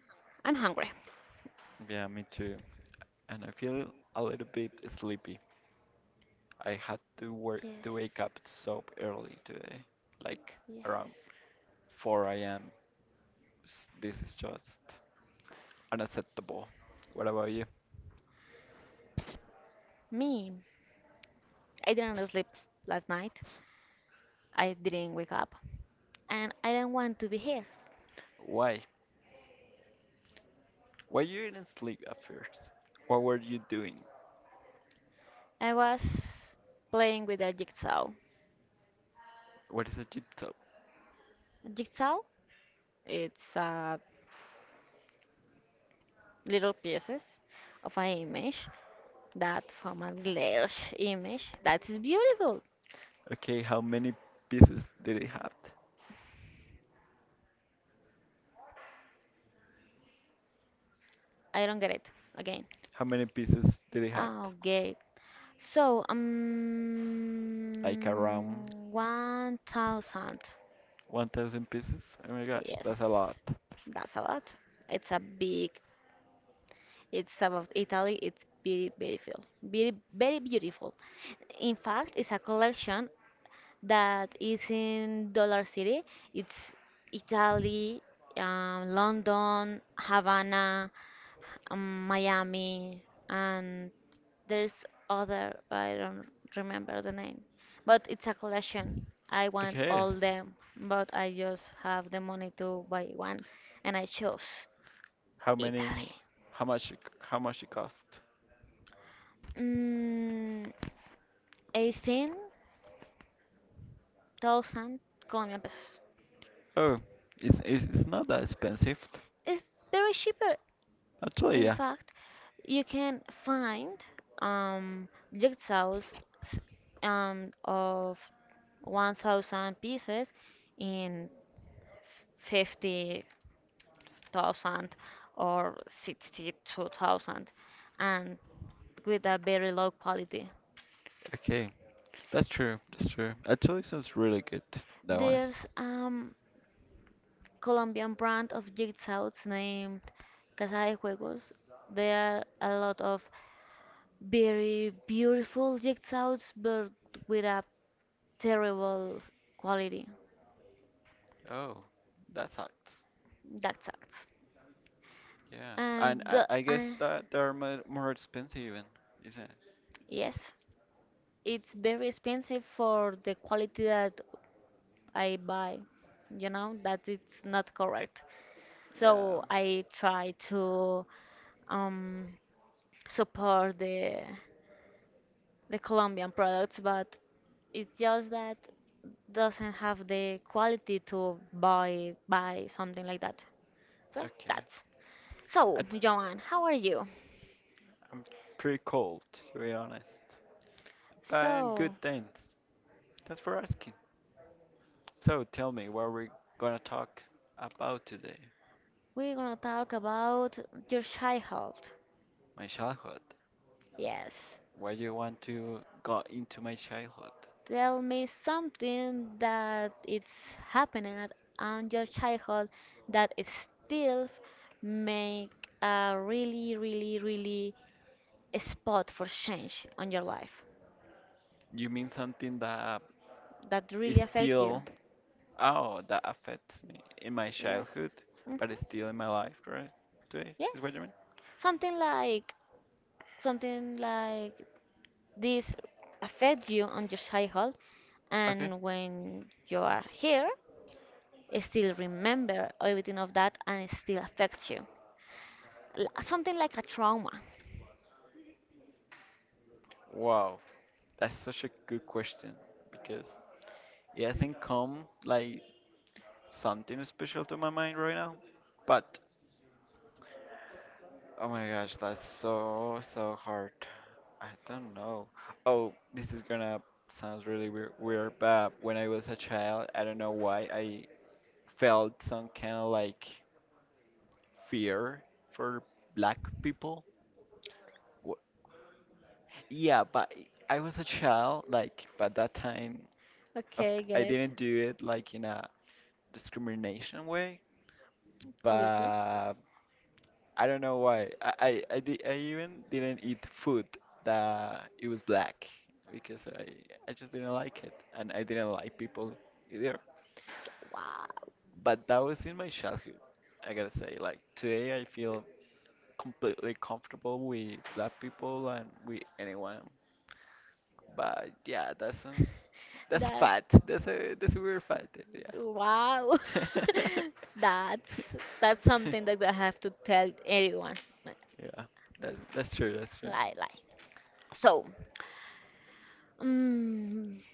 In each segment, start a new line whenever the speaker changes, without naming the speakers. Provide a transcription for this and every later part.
I'm hungry.
Yeah, me too. And I feel a little bit sleepy. I had to work
Yes.
to wake up so early today, like around
Yes.
4 a.m. This is just unacceptable. What about you?
Me. I didn't sleep last night. I didn't wake up. And I don't want to be here.
Why? Why you didn't sleep at first? What were you doing?
I was playing with a jigsaw.
What is a jib top?
Jigsaw? It's little pieces of an image that form a large image that is beautiful.
Okay, how many pieces did it have?
I don't get it again.
How many pieces did it have?
Okay. So,
Like around
1,000.
1,000 pieces? Oh my gosh, that's a lot.
Yes, that's a lot. It's a big, it's about Italy. It's very beautiful. Very, very beautiful. In fact, it's a collection that is in Dollar City. It's Italy, London, Havana, Miami, and there's other. I don't remember the name, but it's a collection. I want
Okay.
all them, but I just have the money to buy one, and I chose
How many?
Italy.
How much? How much it cost?
Mm, 18,000 Colombian pesos.
Oh, it's not that expensive.
It's very cheaper.
Actually, yeah.
In fact, you can find um jigsaws s- of 1,000 pieces in 50,000 or 62,000, and with a very low quality.
Okay, that's true. That's true. Actually, sounds really good. That one.
There's Colombian brand of jigsaws named Casa de Juegos. There are a lot of very beautiful jigsaws, but with a terrible quality.
Oh, that sucks.
That sucks.
Yeah, and
And the,
I guess
I,
that they're more expensive, even, isn't it?
yes, it's very expensive for the quality that I buy. You know that it's not correct.
Yeah.
So I try to um, support the Colombian products, but it's just that doesn't have the quality to buy something like that. So
Okay.
that's.
I
So, Joanne, how are you?
am pretty cold, to be honest. But I'm good,
So,
thanks. Thanks for asking. So tell me, what we're gonna talk about today?
we're gonna talk about your childhood.
My childhood.
Yes.
Why do you want to go into my childhood?
Tell me something that it's happening on your childhood that still make a really, really, really spot for change on your life
You mean something that
that
is
really affect
still,
you.
oh, that affects me in my
Yes.
childhood,
hmm
but it's still in my life, right? Today, is what you
Yes.
mean?
Something like something like this affect you on your childhood,
Okay.
and when you are here, still remember everything of that, and it still affects you. Something like a trauma.
Wow, that's such a good question because it hasn't come like something special to my mind right now. But oh my gosh, that's so so hard. I don't know. Oh, this is gonna sounds really weird, but when I was a child, I don't know why I felt some kind of like fear for black people. Wh- Yeah, but I was a child, like, but that time of,
Okay,
I
get it.
didn't do it like in a discrimination way,
Obviously.
but I don't know why. I even didn't eat food that it was black because I just didn't like it and I didn't like people either.
Wow.
But that was in my childhood. I gotta say, like today I feel completely comfortable with black people and with anyone. But yeah, that sounds that's a
That
fact. That's a weird fact.
wow.
Yeah.
That's that's something that I have to tell everyone.
Yeah, that's true. That's true.
Like. So, mm,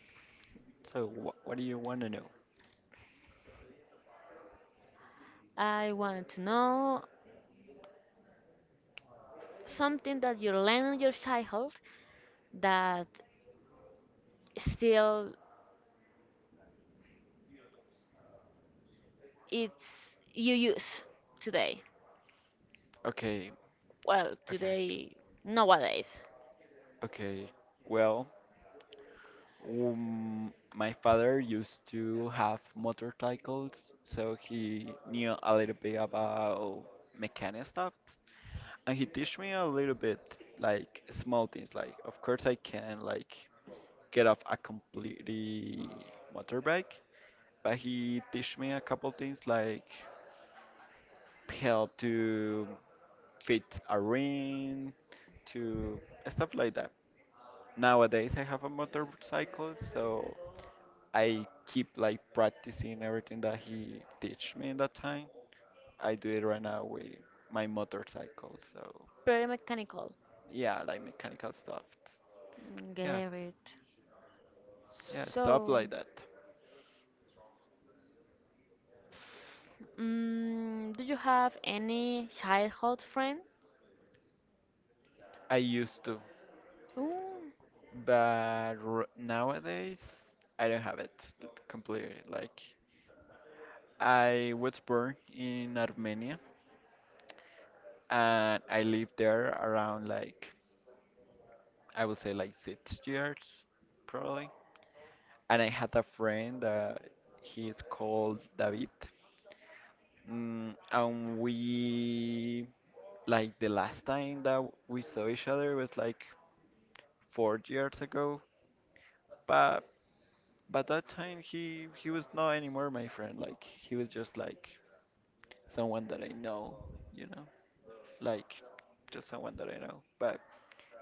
So, what do you want to know?
I wanted to know something that you learn in your childhood that still it's you use today.
Okay,
Well,
okay,
today Nowadays.
okay. Well, my father used to have motorcycles, so he knew a little bit about mechanic stuff, and he teach me a little bit, like small things. Like, of course, I can like get off a completely motorbike, but he teach me a couple things like help to fit a ring, to stuff like that. Nowadays, I have a motorcycle, so I keep like practicing everything that he teach me in that time. I do it right now with my motorcycle, so
Very mechanical.
yeah, like mechanical stuff. Yeah,
Get it.
yeah, stuff
So,
like that.
do you have any childhood friend?
I used to,
Ooh,
but r nowadays I don't have it completely. Like I was born in Armenia, and I lived there around like I would say like 6 years probably. And I had a friend that he is called David. Mm, and we like the last time that we saw each other was like 4 years ago. But but that time he was not anymore my friend. Like he was just like someone that I know, you know. Like just someone that I know. But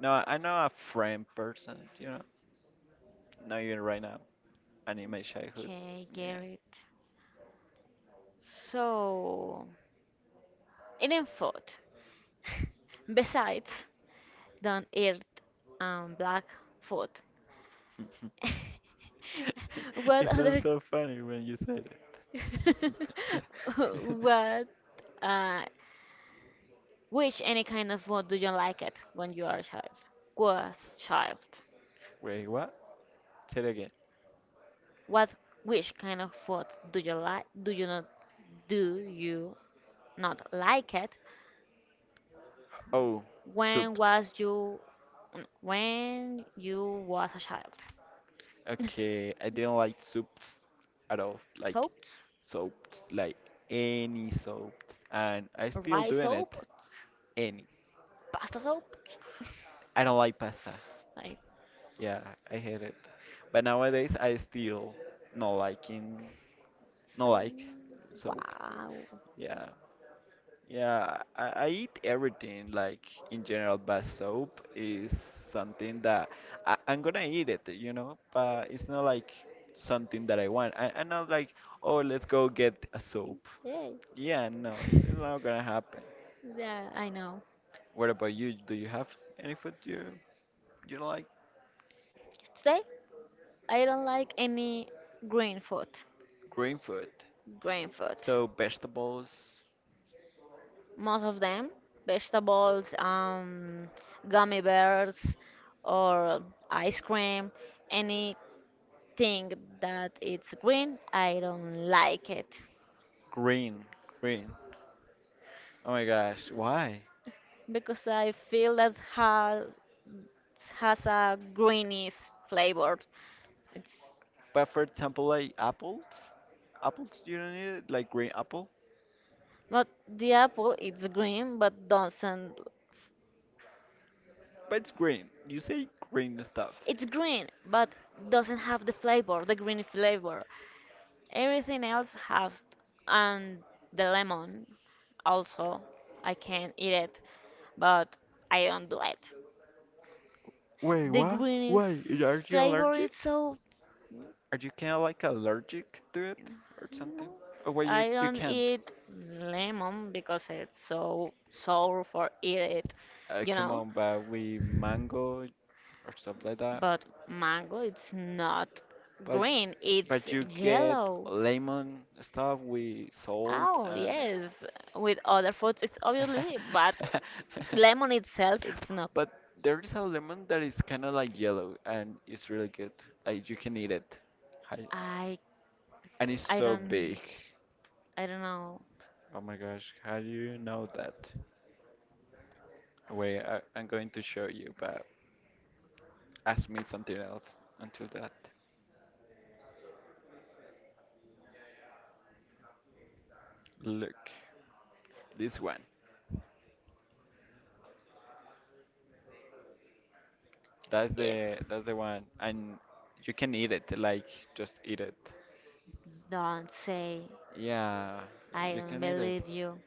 no, I know a friend person, you know, not even right now, and in my childhood.
okay,
Yeah.
get it. So, eating food. Besides, don't eat black food.
it
What
sounds
other?
so funny when you said it.
What? Uh, which any kind of food do you like it when you are a child? Was child.
Wait, what? Say it again.
What which kind of food do you like? Do you not like it?
Oh,
When
soups.
was you when you was a child?
Okay, I didn't like soups at all. Like
Soaps,
soaps, like any soaps, and I still
rice
doing it.
soap,
Any.
pasta soap,
I don't like pasta.
like
Yeah, I hate it. But nowadays I still not liking not
so.
like soap.
Wow.
Yeah. Yeah, I eat everything like in general, but soap is something that I'm gonna eat it, you know, but it's not like something that I want. I'm not like, oh, let's go get a soap.
Yeah.
Yeah, no, it's not gonna happen.
Yeah, I know.
What about you? Do you have any food you like?
Today I don't like any green food.
Green food.
Green food.
So vegetables.
Most of them vegetables, gummy bears, or ice cream, anything that it's green, I don't like it,
Green, green. Oh my gosh, why?
because I feel that has a greenish flavor. It's
But for example, like apples, apples you don't need it, like green apple,
not. The apple it's green, but doesn't.
but it's green. You say green stuff.
It's green, but doesn't have the flavor, the green flavor. Everything else has, and the lemon also. I can eat it, but I don't do it.
Wait,
The
what?
green
Why? Are you
flavor is
allergic?
so.
Are you kind of like allergic to it or something?
No,
Oh wait,
I
you
don't
can't.
eat lemon because it's so sour for eat it, you
Come
know.
on, but we mango or stuff like that.
But mango, it's not
But
green, it's
but you get
yellow.
lemon stuff with salt
Oh,
and.
yes, with other foods it's obviously, but lemon itself it's not.
But there is a lemon that is kind of like yellow and it's really good. Like you can eat it. Hi-
I
And it's
I
so big.
don't I don't know.
Oh my gosh, how do you know that? Wait, I'm going to show you, but ask me something else until that. Look, this one. That's
Yes.
the one, and you can eat it. Like just eat it.
Don't say
Yeah,
I
you
don't
can eat it.
believe you.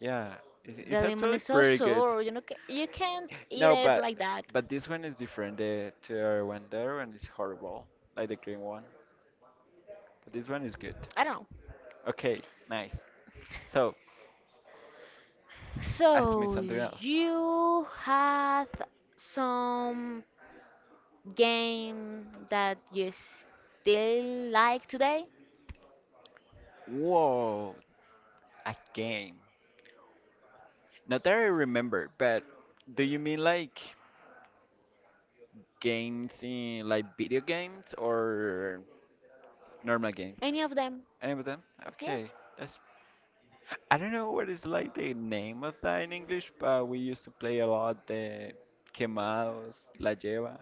Yeah, it's
The lemon
actually
is so
pretty good.
sour, you know, ca- you can't eat
No,
it
but
like that.
this one is different. The to the other one is horrible, like the green one. But this one is good.
I don't know.
Okay, nice. So, ask me
So
something else.
you had some game that you still like today?
Whoa, a game. Not that I remember, but do you mean like games in like video games or normal games?
Any of them?
Any of them?
Yes.
Okay, that's. I don't know what is like the name of that in English, but we used to play a lot the quemados, la lleva.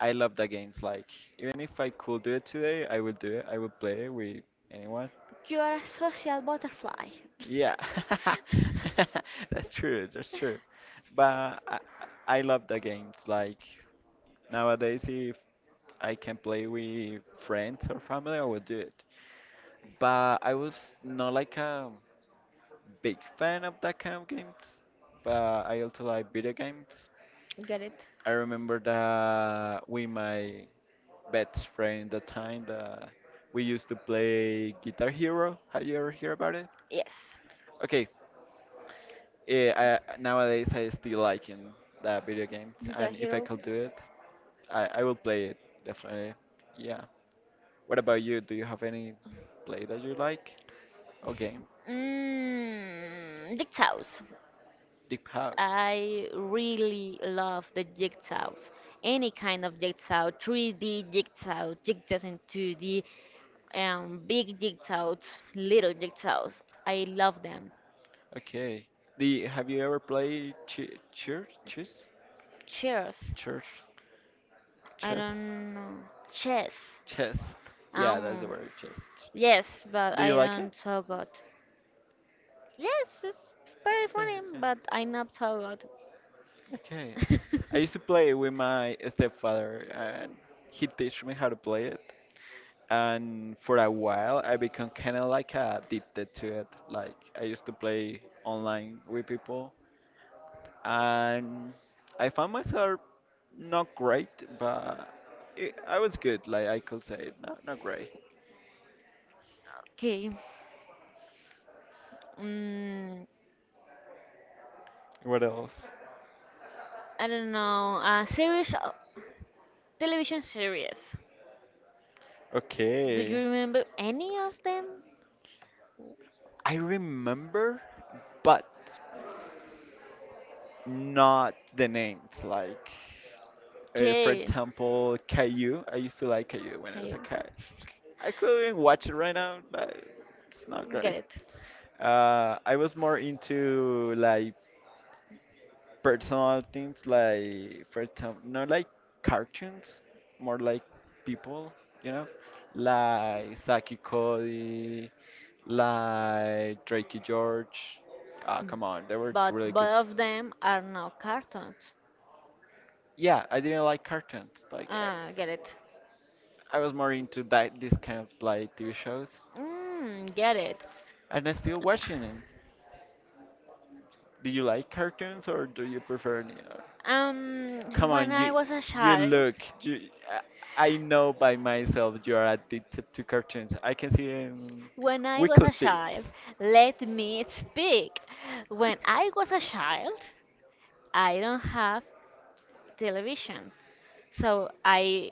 I love the games. Like even if I could do it today, I will do it. I will play it with anyone.
You are a social butterfly.
Yeah, That's true. But I love the games. Like nowadays, if I can play with friends or family, I will do it. But I was not like a big fan of that kind of games. But I also like video games.
Get it.
I remember that with my best friend the time that we used to play Guitar Hero. Have you ever heard about it?
Yes.
Okay, nowadays I still liking that video games,
Guitar
and if I
Hero.
could do it, I will play it definitely. Yeah. What about you? Do you have any play that you like or game?
Jigsaws.
Deep House.
I really love the jigsaws. Any kind of jigsaw, 3D jigsaw, jigsaws in 2D, big jigsaws, little jigsaws. I love them.
Okay. The have you ever played ch- church chess?
Cheers.
Church
I
chess
don't know. Chess.
chess. Yeah, that's the
Um,
word chess.
yes, but
Do you
I
like it?
don't so good. Yes, it's very
Okay,
funny,
okay.
but I'm not so good.
Okay. I used to play with my stepfather and he teach me how to play it. And for a while I become kind of like addicted to it. Like I used to play online with people and I found myself not great, but I was good. Like I could say, not great.
Okay. Mm,
What else?
I don't know. Series, television series. Do you
Okay.
remember any of them?
I remember, but not the names. Like, for
Okay.
example, Caillou. I used to like Caillou when I was
Okay.
a kid. I couldn't even watch it right now, but it's not
Get
great.
it.
I was more into like personal things like for example not like cartoons more like people you know like Saki Cody like Drakey George ah come on they were really
But
good
both of them are not cartoons.
yeah I didn't like cartoons like
Get it.
I was more into that this kind of like TV shows
Get it.
and I'm still watching them do you like cartoons or do you prefer any other
Um,
Come
when
on,
I was a
you
child,
look. You, I know by myself you are addicted to cartoons. I can see in
when I was
weekly
a child,
tips.
let me speak. When I was a child, I don't have television, so I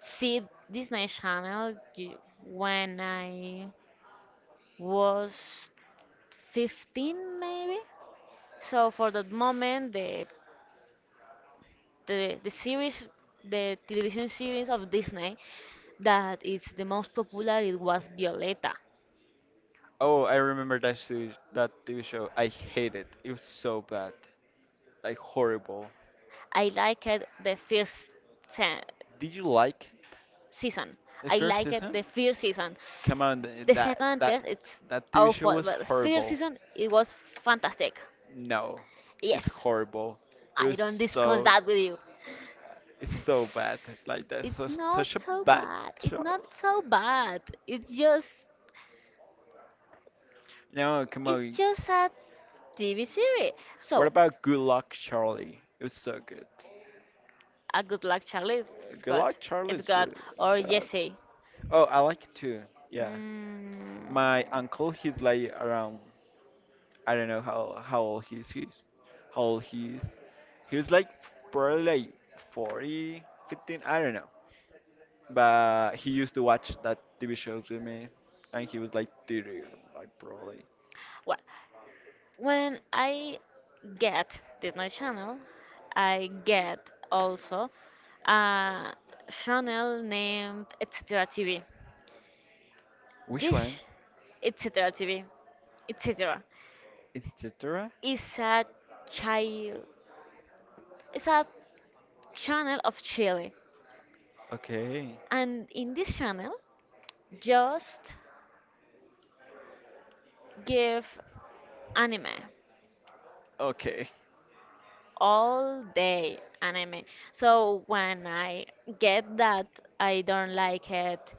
see Disney Channel when I was 15 maybe. So for that moment, the series, the television series of Disney that is the most popular, it was Violeta.
Oh, I remember that show, that TV show. I hate it. It was so bad, like horrible.
I liked the first se-
Did you like
season.
the
I
first
liked
season?
the first season.
Come on,
The second test, it's
that TV show
awful,
was
but the first
horrible.
season it was fantastic.
No, it's
Yes,
horrible. It
I
was
don't discuss
so.
that with you.
It's so bad. Like that's
It's not
such a
so
bad
bad. It's
show.
not so bad. It's just,
No, come
it's
on.
just a TV series.
What
So
about Good Luck Charlie? It was so good.
a good luck Charlie is
Good
good.
Luck Charlie
It's
is
good.
really it's
Or
good.
Jesse.
Oh, I like it too. Yeah.
Mm,
My uncle, he's like around. I don't know how old he is. He's how old he is. He was like probably like 40, 15, I don't know. But he used to watch that TV shows with me, and he was like 30, like probably.
well, when I get Disney Channel, I get also a channel named Extra TV.
Which one?
Dish, etc. TV, etc.
It's Datura?
is a child, is a channel of Chile,
Okay.
and in this channel, just give anime,
Okay.
all day anime. So when I get that I don't like it,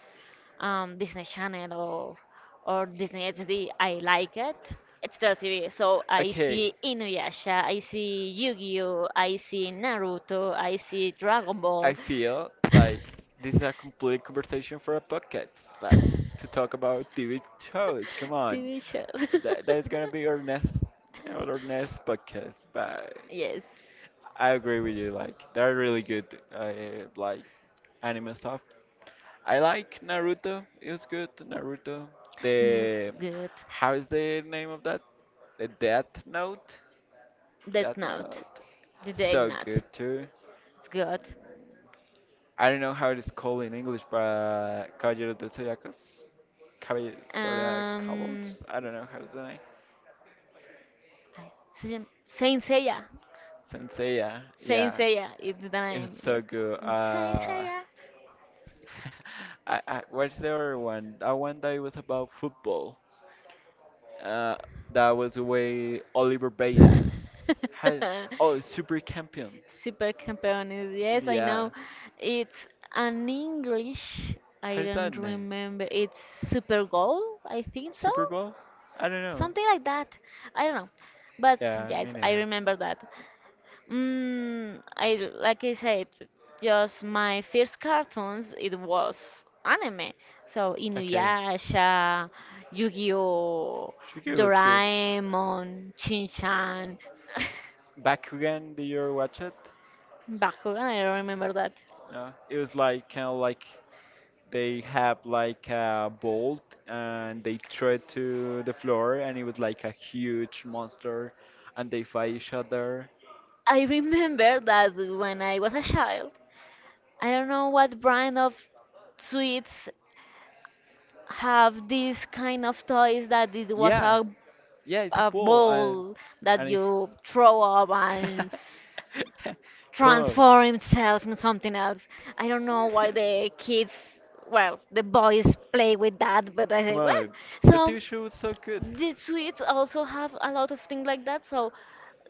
Disney Channel or Disney XD, I like it. It's their TV. So I
Okay.
see Inuyasha, I see Yu-Gi-Oh, I see Naruto, I see Dragon
I
Ball.
feel like this is a complete conversation for a podcast, like to talk about TV shows. Come on,
TV shows.
that's gonna be our next, you know, our next podcast. Bye.
Yes.
I agree with you. Like they're really good, uh, like anime stuff. I like Naruto. It was good. Naruto.
Not
The
good.
how is the name of that? The Death Note. Death
Death Note.
Note.
Did they
So
not?
good
It's
too.
good.
I don't know how it is called in English, but Caballero del Zodiaco. Caballero Zodiac Cowboys.
Um,
I don't know how is the name.
I- Saint Seiya.
Senseiya.
Saint
Yeah.
Seiya is the
It was
name.
so
Yes.
good.
Saint Seiya.
What's the other one? That one that it was about football. Uh, that was the way Oliver Beta. How, oh, Super Champions.
Super Campeones. Yes, I
Yeah.
know. It's an English. I
How's that
don't
name?
remember. It's Super Goal. I think so.
Super Bowl? I don't know.
Something like that. I don't know. But
Yeah, me
yes, I
neither.
remember that. I like I said, just my first cartoons it was anime. So
Okay.
Inuyasha, Yu-Gi-Oh,
Shuki was good.
Doraemon, Shin-Chan,
Bakugan, did you ever watch it?
Bakugan. I don't remember that.
No. It was like kind of like they have like a bolt and they throw it to the floor and it was like a huge monster and they fight each other.
I remember that when I was a child, I don't know what brand of sweets have these kind of toys that it was
Yeah,
a
yeah, it's a pool, and
ball that
and it,
you throw up and
come on,
transform himself into something else. I don't know why the kids, well, the boys play with that, but I
come
say, well,
on. The
so
TV show is so good.
the Swedes also have a lot of things like that. So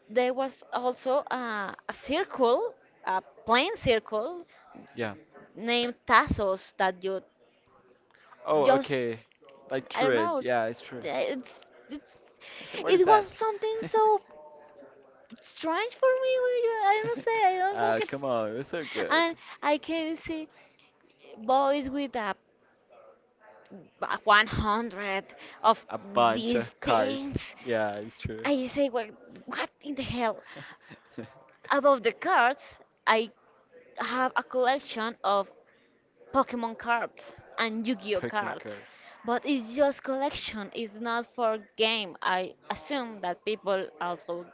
there was also a circle, a plain circle
Yeah.
named Tassos that you
Oh,
just,
okay. Like
I don't
true.
know,
Yeah, it's true.
it's, it's
What is
it
that?
was something so strange for me. I don't know, say, I don't know, como que,
Come on, it's so good.
and I can see boys with a 100 of
A bunch of
these
cards.
things.
Yeah, it's true.
I say, well, what in the hell? About the cards, I have a collection of Pokemon cards and Yu-Gi-Oh
Pokemon
cards.
cards.
But it's just collection, it's not for game. I assume that people also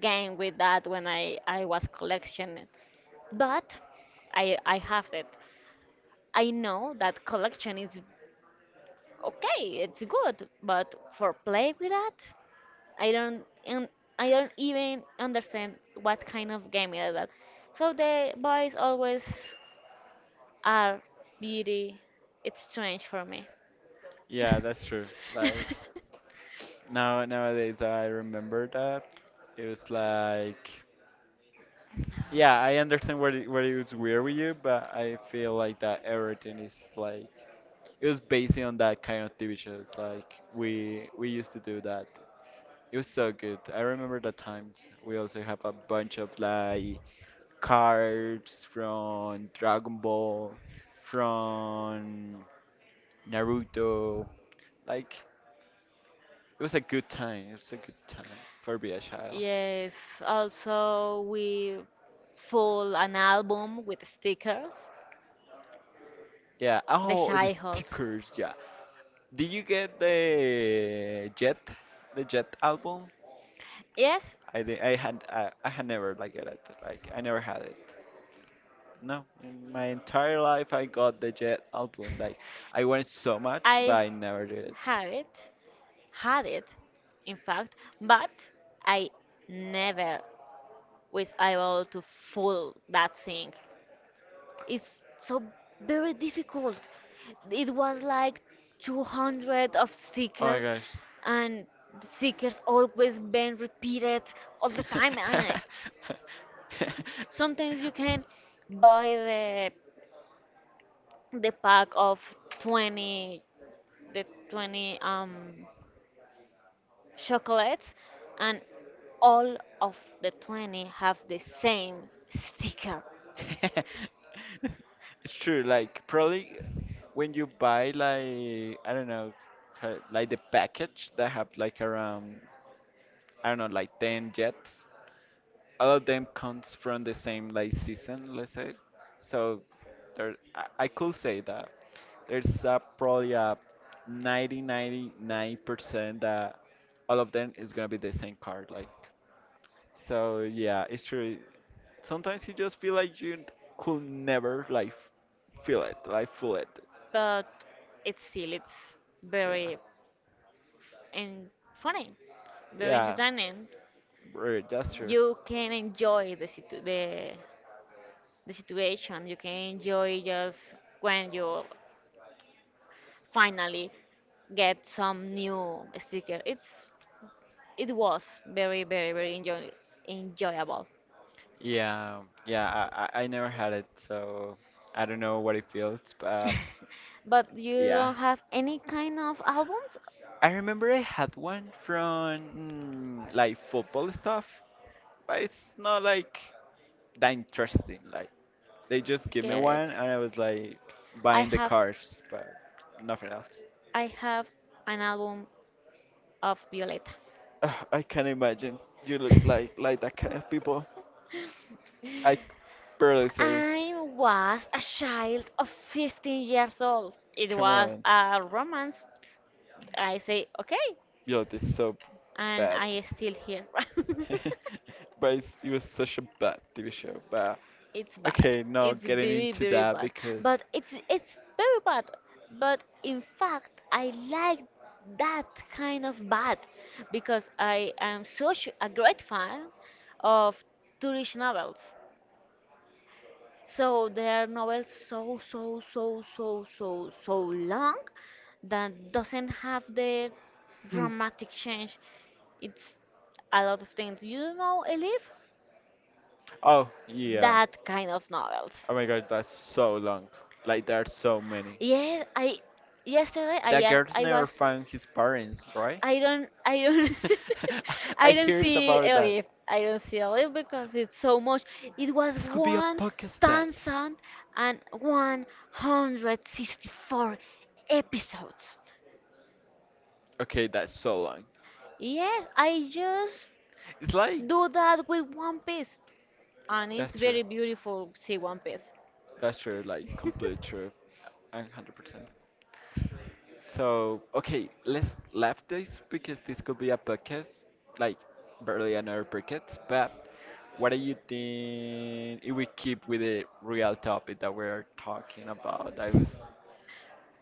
game with that when I was collectioning. But I have it. I know that collection is okay, it's good, but for play with that, I don't, and I don't even understand what kind of game is that. So the boys always are beauty. It's strange for me.
Yeah, that's true. Like nowadays I remember that. It was like, yeah, I understand where it was weird with you, but I feel like that everything is like it was based on that kind of TV shows. Like we used to do that. It was so good. I remember the times. We also have a bunch of like cards from Dragon Ball, from Naruto. Like it was a good time. It was a good time for be a child.
Yes. Also, we full an album with stickers.
Yeah.
The
Oh, the
Shyhold.
stickers. Yeah. Did you get the Jet album?
Yes,
I did, I had never like get it. Like I never had it. No, in my entire life I got the Jet album. Like I wanted so much, but
I
I never did it.
have it, had it, in fact, but I never was able to fool that thing. It's so very difficult. It was like 200 of
Oh my
stickers,
gosh.
and the stickers always been repeated all the time. And sometimes you can buy the pack of 20, the 20 chocolates, and all of the 20 have the same sticker.
It's true, like probably when you buy like I don't know, like the package that have like around I don't know, like 10 jets, all of them comes from the same like season, let's say. So there I could say that there's probably a 90 99% that all of them is gonna be the same card, like, so, yeah, it's true, sometimes you just feel like you could never like feel it.
But it's still it's
Yeah,
very, and funny, very
yeah.
entertaining.
Right, that's true.
You can enjoy the situation. You can enjoy just when you finally get some new sticker. It's, it was very, very, very enjoyable.
Yeah, yeah. I never had it, so I don't know what it feels, but
But you
yeah.
don't have any kind of albums.
I remember I had one from like football stuff, but it's not like that interesting. Like they just give me
Get it.
one, and I was like
I
buying the
have
cards, but nothing else.
I have an album of Violeta.
Ugh, I can't imagine you look like that kind of people. I barely say.
I was a child of 15 years old. It
Come
was
on,
a romance. I say okay,
yo, this is so
and
bad.
I still here.
But it was such a bad TV show. But
It's bad.
okay, no,
It's
getting
very,
into
very
that
bad.
because.
But it's very bad. But in fact, I like that kind of bad because I am such a great fan of Turkish novels. So their novels so so so so so so long, that doesn't have the
Hmm.
dramatic change. It's a lot of things. You know, Elif?
Oh, yeah.
That kind of novels.
Oh my god, that's so long. Like, there are so many.
Yes, I yesterday
That girl
I
never
was.
found his parents, right?
I don't
I
I don't
hear it's
see
about that.
Elif. I don't see Elif because it's so much. It was
This could be a
one
podcast that.
thousand and one hundred sixty-four episodes.
Okay, that's so long.
Yes, I just
It's like.
do that with One Piece, and
That's
it's
true.
very beautiful. See One Piece.
That's true, like, complete true. 100%. So, okay, let's left this because this could be a podcast, like barely another podcast. But what do you think if we keep with the real topic that we're talking about? That was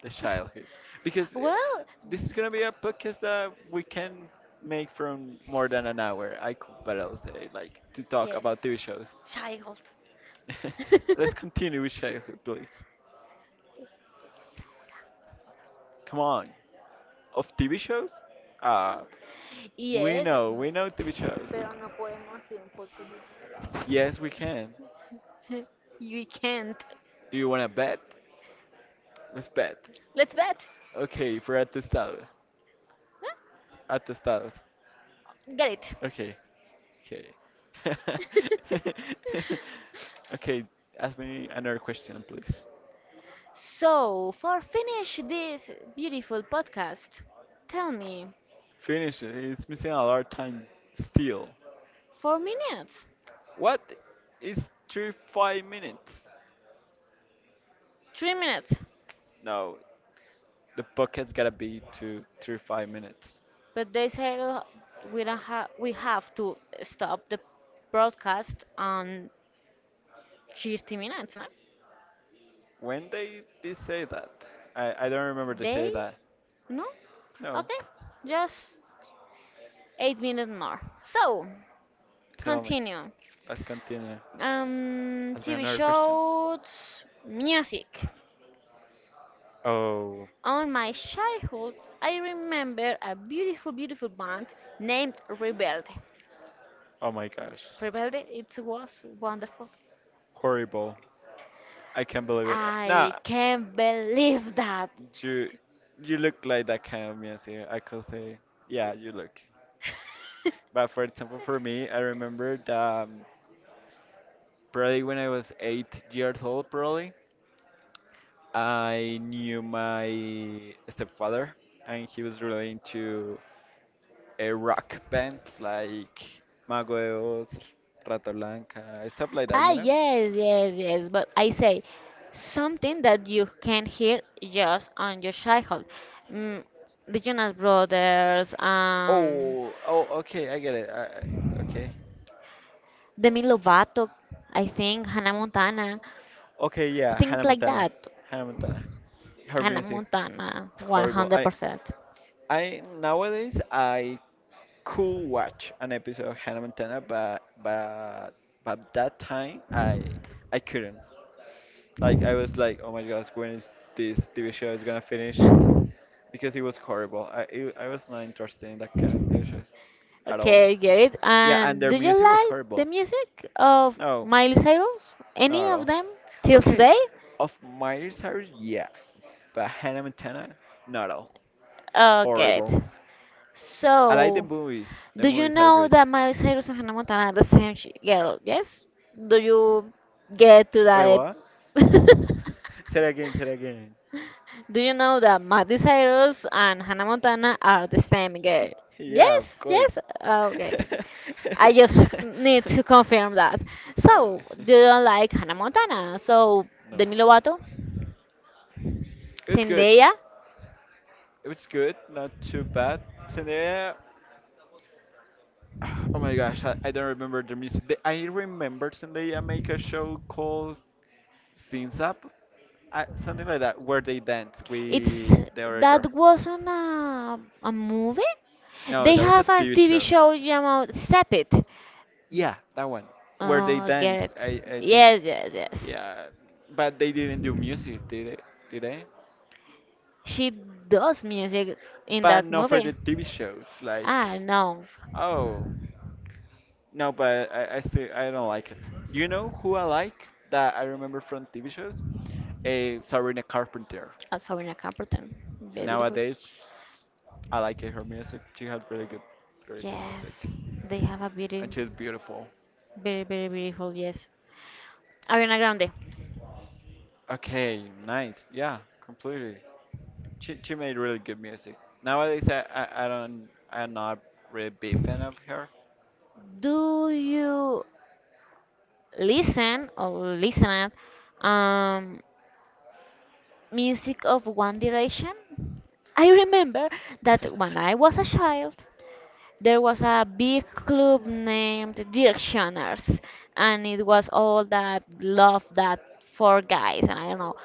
the childhood. Because
Well,
this is gonna be a podcast that we can make from more than an hour. I could barely say, like, to talk
yes,
about TV shows.
child.
Let's continue with childhood, please. Come on. Of TV shows? Ah. We
Yes,
know, we know TV shows.
Pero no podemos sin.
Yes, we can.
You can't.
Do you want to bet? Let's bet.
Let's bet.
Okay, for atestados.
Huh?
Atestados.
Get
Okay, okay.
it.
Okay, ask me another question, please.
So, for finish this beautiful podcast, tell me,
Finish it. It's missing a lot of time still.
4 minutes,
What is three five minutes?
3 minutes,
No, the bucket's gotta be to three five minutes.
but they say we don't have we have to stop the broadcast on 30 minutes, no?
When they did say that? I don't remember they
They
say that.
no?
No,
Okay, just 8 minutes more. So,
tell me.
continue.
Let's continue. Ask me
TV
another question.
shows, music.
Oh,
On my childhood, I remember a beautiful, beautiful band named Rebelde.
oh my gosh,
Rebelde, it was wonderful.
horrible! I can't believe it.
I
Nah,
can't believe that.
you, you look like that kind of music. I could say, yeah, you look. But for example, for me, I remember that um, probably when I was 8 years old, probably I knew my stepfather, and he was really into a rock bands like Mago de Oz, Rata Blanca, stuff like that,
Ah,
you know.
yes, yes, yes. But I say something that you can hear just on your childhood. Mm, the Jonas Brothers,
Oh, oh, okay, I get it. Okay,
Demi Lovato, I think, Hannah Montana,
okay, yeah,
things
Hannah
like
Montana,
that.
Hannah Montana. Her
Hannah
music
Montana,
is horrible.
100%.
I Nowadays I could watch an episode of Hannah Montana, but that time I couldn't. Like I was like, oh my gosh, when is this TV show is gonna finish? Because it was horrible. I was not interested in that kind of TV shows at all.
Okay, get it.
Yeah, and
And
their
do you
music was
like the
horrible.
music of
No,
Miley Cyrus?
not
Any
at
of
all.
them till
Okay,
today?
of Miley Cyrus, yeah, but Hannah Montana, not all.
Oh, get
Horrible.
it.
I like the
So,
movies. The
do you
movies are
know
good.
that Miley Cyrus and Hannah Montana are the same girl? Yes. Do you get to
Wait,
that?
what? Say it again. Say it again.
Do you know that Miley Cyrus and Hannah Montana are the same girl?
Yeah,
Yes,
of course.
yes. Okay. I
Wait,
just need to confirm that. So, do you like Hannah Montana? So,
no,
Demi Lovato,
it was good.
Zendaya.
It was good, not too bad. Zendaya. Oh my gosh, I don't remember the music. I remember Zendaya make a show called Synth Up. Something like that, where they dance
It's
with the other girl.
that wasn't a, movie.
No,
They
that was a
have a
TV
TV
show.
show about Step It.
Yeah, that one. Where they
Oh,
dance,
Garrett.
I think.
Yes, yes, yes.
Yeah, but they didn't do music, did they? Did they?
She does music in
But
that
not for
movie.
the TV shows. Like,
Ah, no.
oh no, but I still I don't like it. You know who I like that I remember from TV shows? A Sabrina Carpenter.
Sabrina Carpenter. Very beautiful.
Nowadays, I like her music. She had really good, really good music,
Yes, they have a beauty.
and she's beautiful.
Very, very beautiful, yes. Ariana Grande.
Okay, nice. Yeah, completely. She made really good music. Nowadays, I'm not really big fan of her.
Do you listen or listen at um, music of One Direction? I remember that when I was a child, there was a big club named Directioners, and it was all that love that for guys, and I don't know.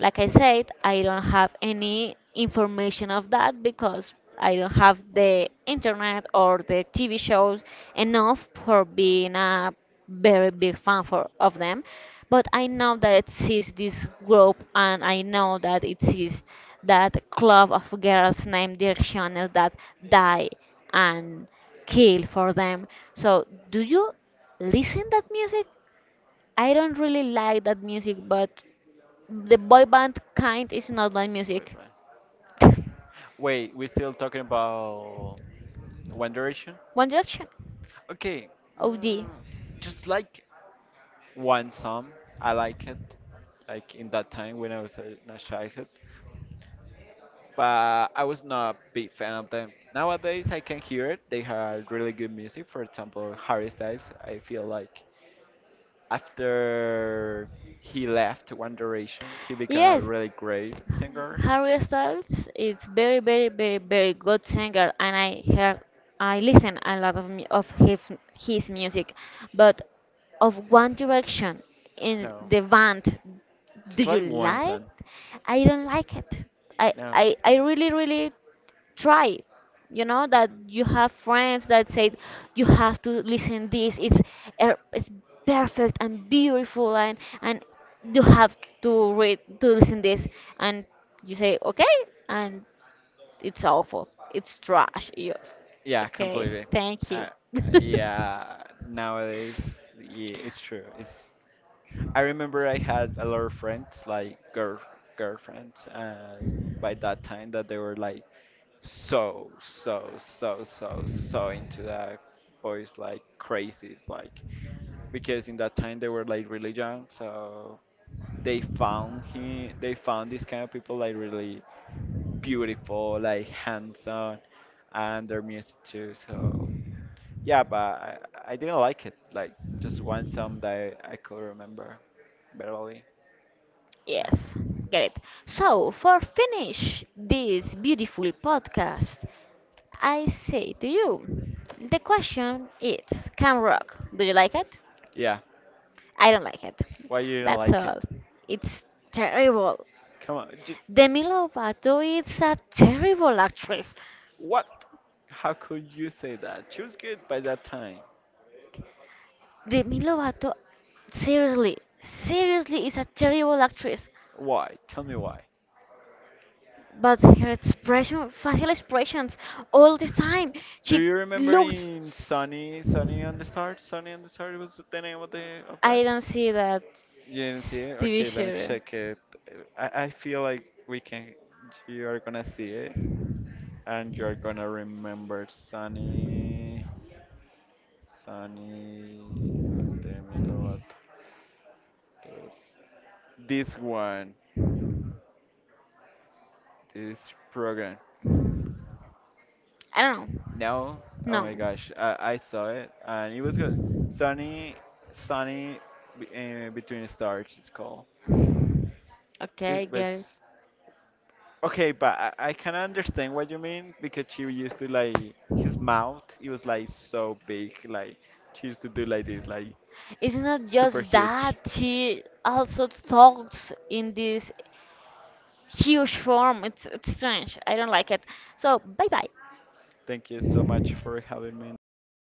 Like I said, I don't have any information of that because I don't have the internet or the TV shows enough for being a very big fan of them. But I know that it exists this group, and I know that it exists that club of girls named Directioners that die and kill for them. So do you listen that music? I don't really like that music, but the boy band kind is not my
Boy
music.
band. Wait, we're still talking about One Direction?
One Direction?
Okay,
OD.
just like one song, I like it. Like in that time when I was in a childhood, but I was not a big fan of them. Nowadays, I can hear it. They have really good music. For example, Harry Styles. I feel like after he left One Direction, he became a
Yes,
really great singer.
Harry Styles is very, very, very, very good singer, and I listen a lot of of his music, but of One Direction in
No,
the band, do
just
you
like one
like?
song.
I don't like it.
No,
I really, really try. You know that you have friends that say you have to listen this, it's perfect and beautiful, and you have to listen this, and you say okay, and it's awful, it's trash, you.
yeah,
Okay,
completely.
thank you.
Uh, yeah, nowadays, yeah, it's true. It's. I remember I had a lot of friends, like girlfriends, and by that time that they were like so so so so so into that boys like crazy, like because in that time they were like really young, so they found him. They found these kind of people like really beautiful, like handsome, and their music too. So yeah, but I didn't like it. Like just one song that I could remember barely.
Yes, get it. So for finish this beautiful podcast, I say to you, the question is, Cam Rock, do you like it?
Yeah,
I don't like it.
why you didn't
That's
like it?
all. It's terrible.
Come on, just
Demi Lovato is a terrible actress.
what? How could you say that? She was good by that time.
Demi Lovato, seriously, seriously is a terrible actress.
Why? Tell me why.
But her expression, facial expressions, all the time,
Do
she
you remember
looks.
in Sunny, Sunny on the Start? Sunny on the Start was the name of the of that.
I don't see that
You didn't see it?
TV
Okay, let me
show.
check it. I feel like we can. You are gonna see it, and you're gonna remember Sunny, Sunny Demi Lovato. This one, this program.
I don't know.
No, oh
No.
my gosh, I saw it, and it was good. Sunny, Sunny, be- Between Stars. It's called.
Okay, I
It
get it.
was. Okay, but I can understand what you mean because she used to like his mouth. It was like so big. Like she used to do like this, like
It's not
super
just
huge.
that, she also talks in this huge form. It's strange. I don't like it. So bye bye.
Thank you so much for having me in this podcast.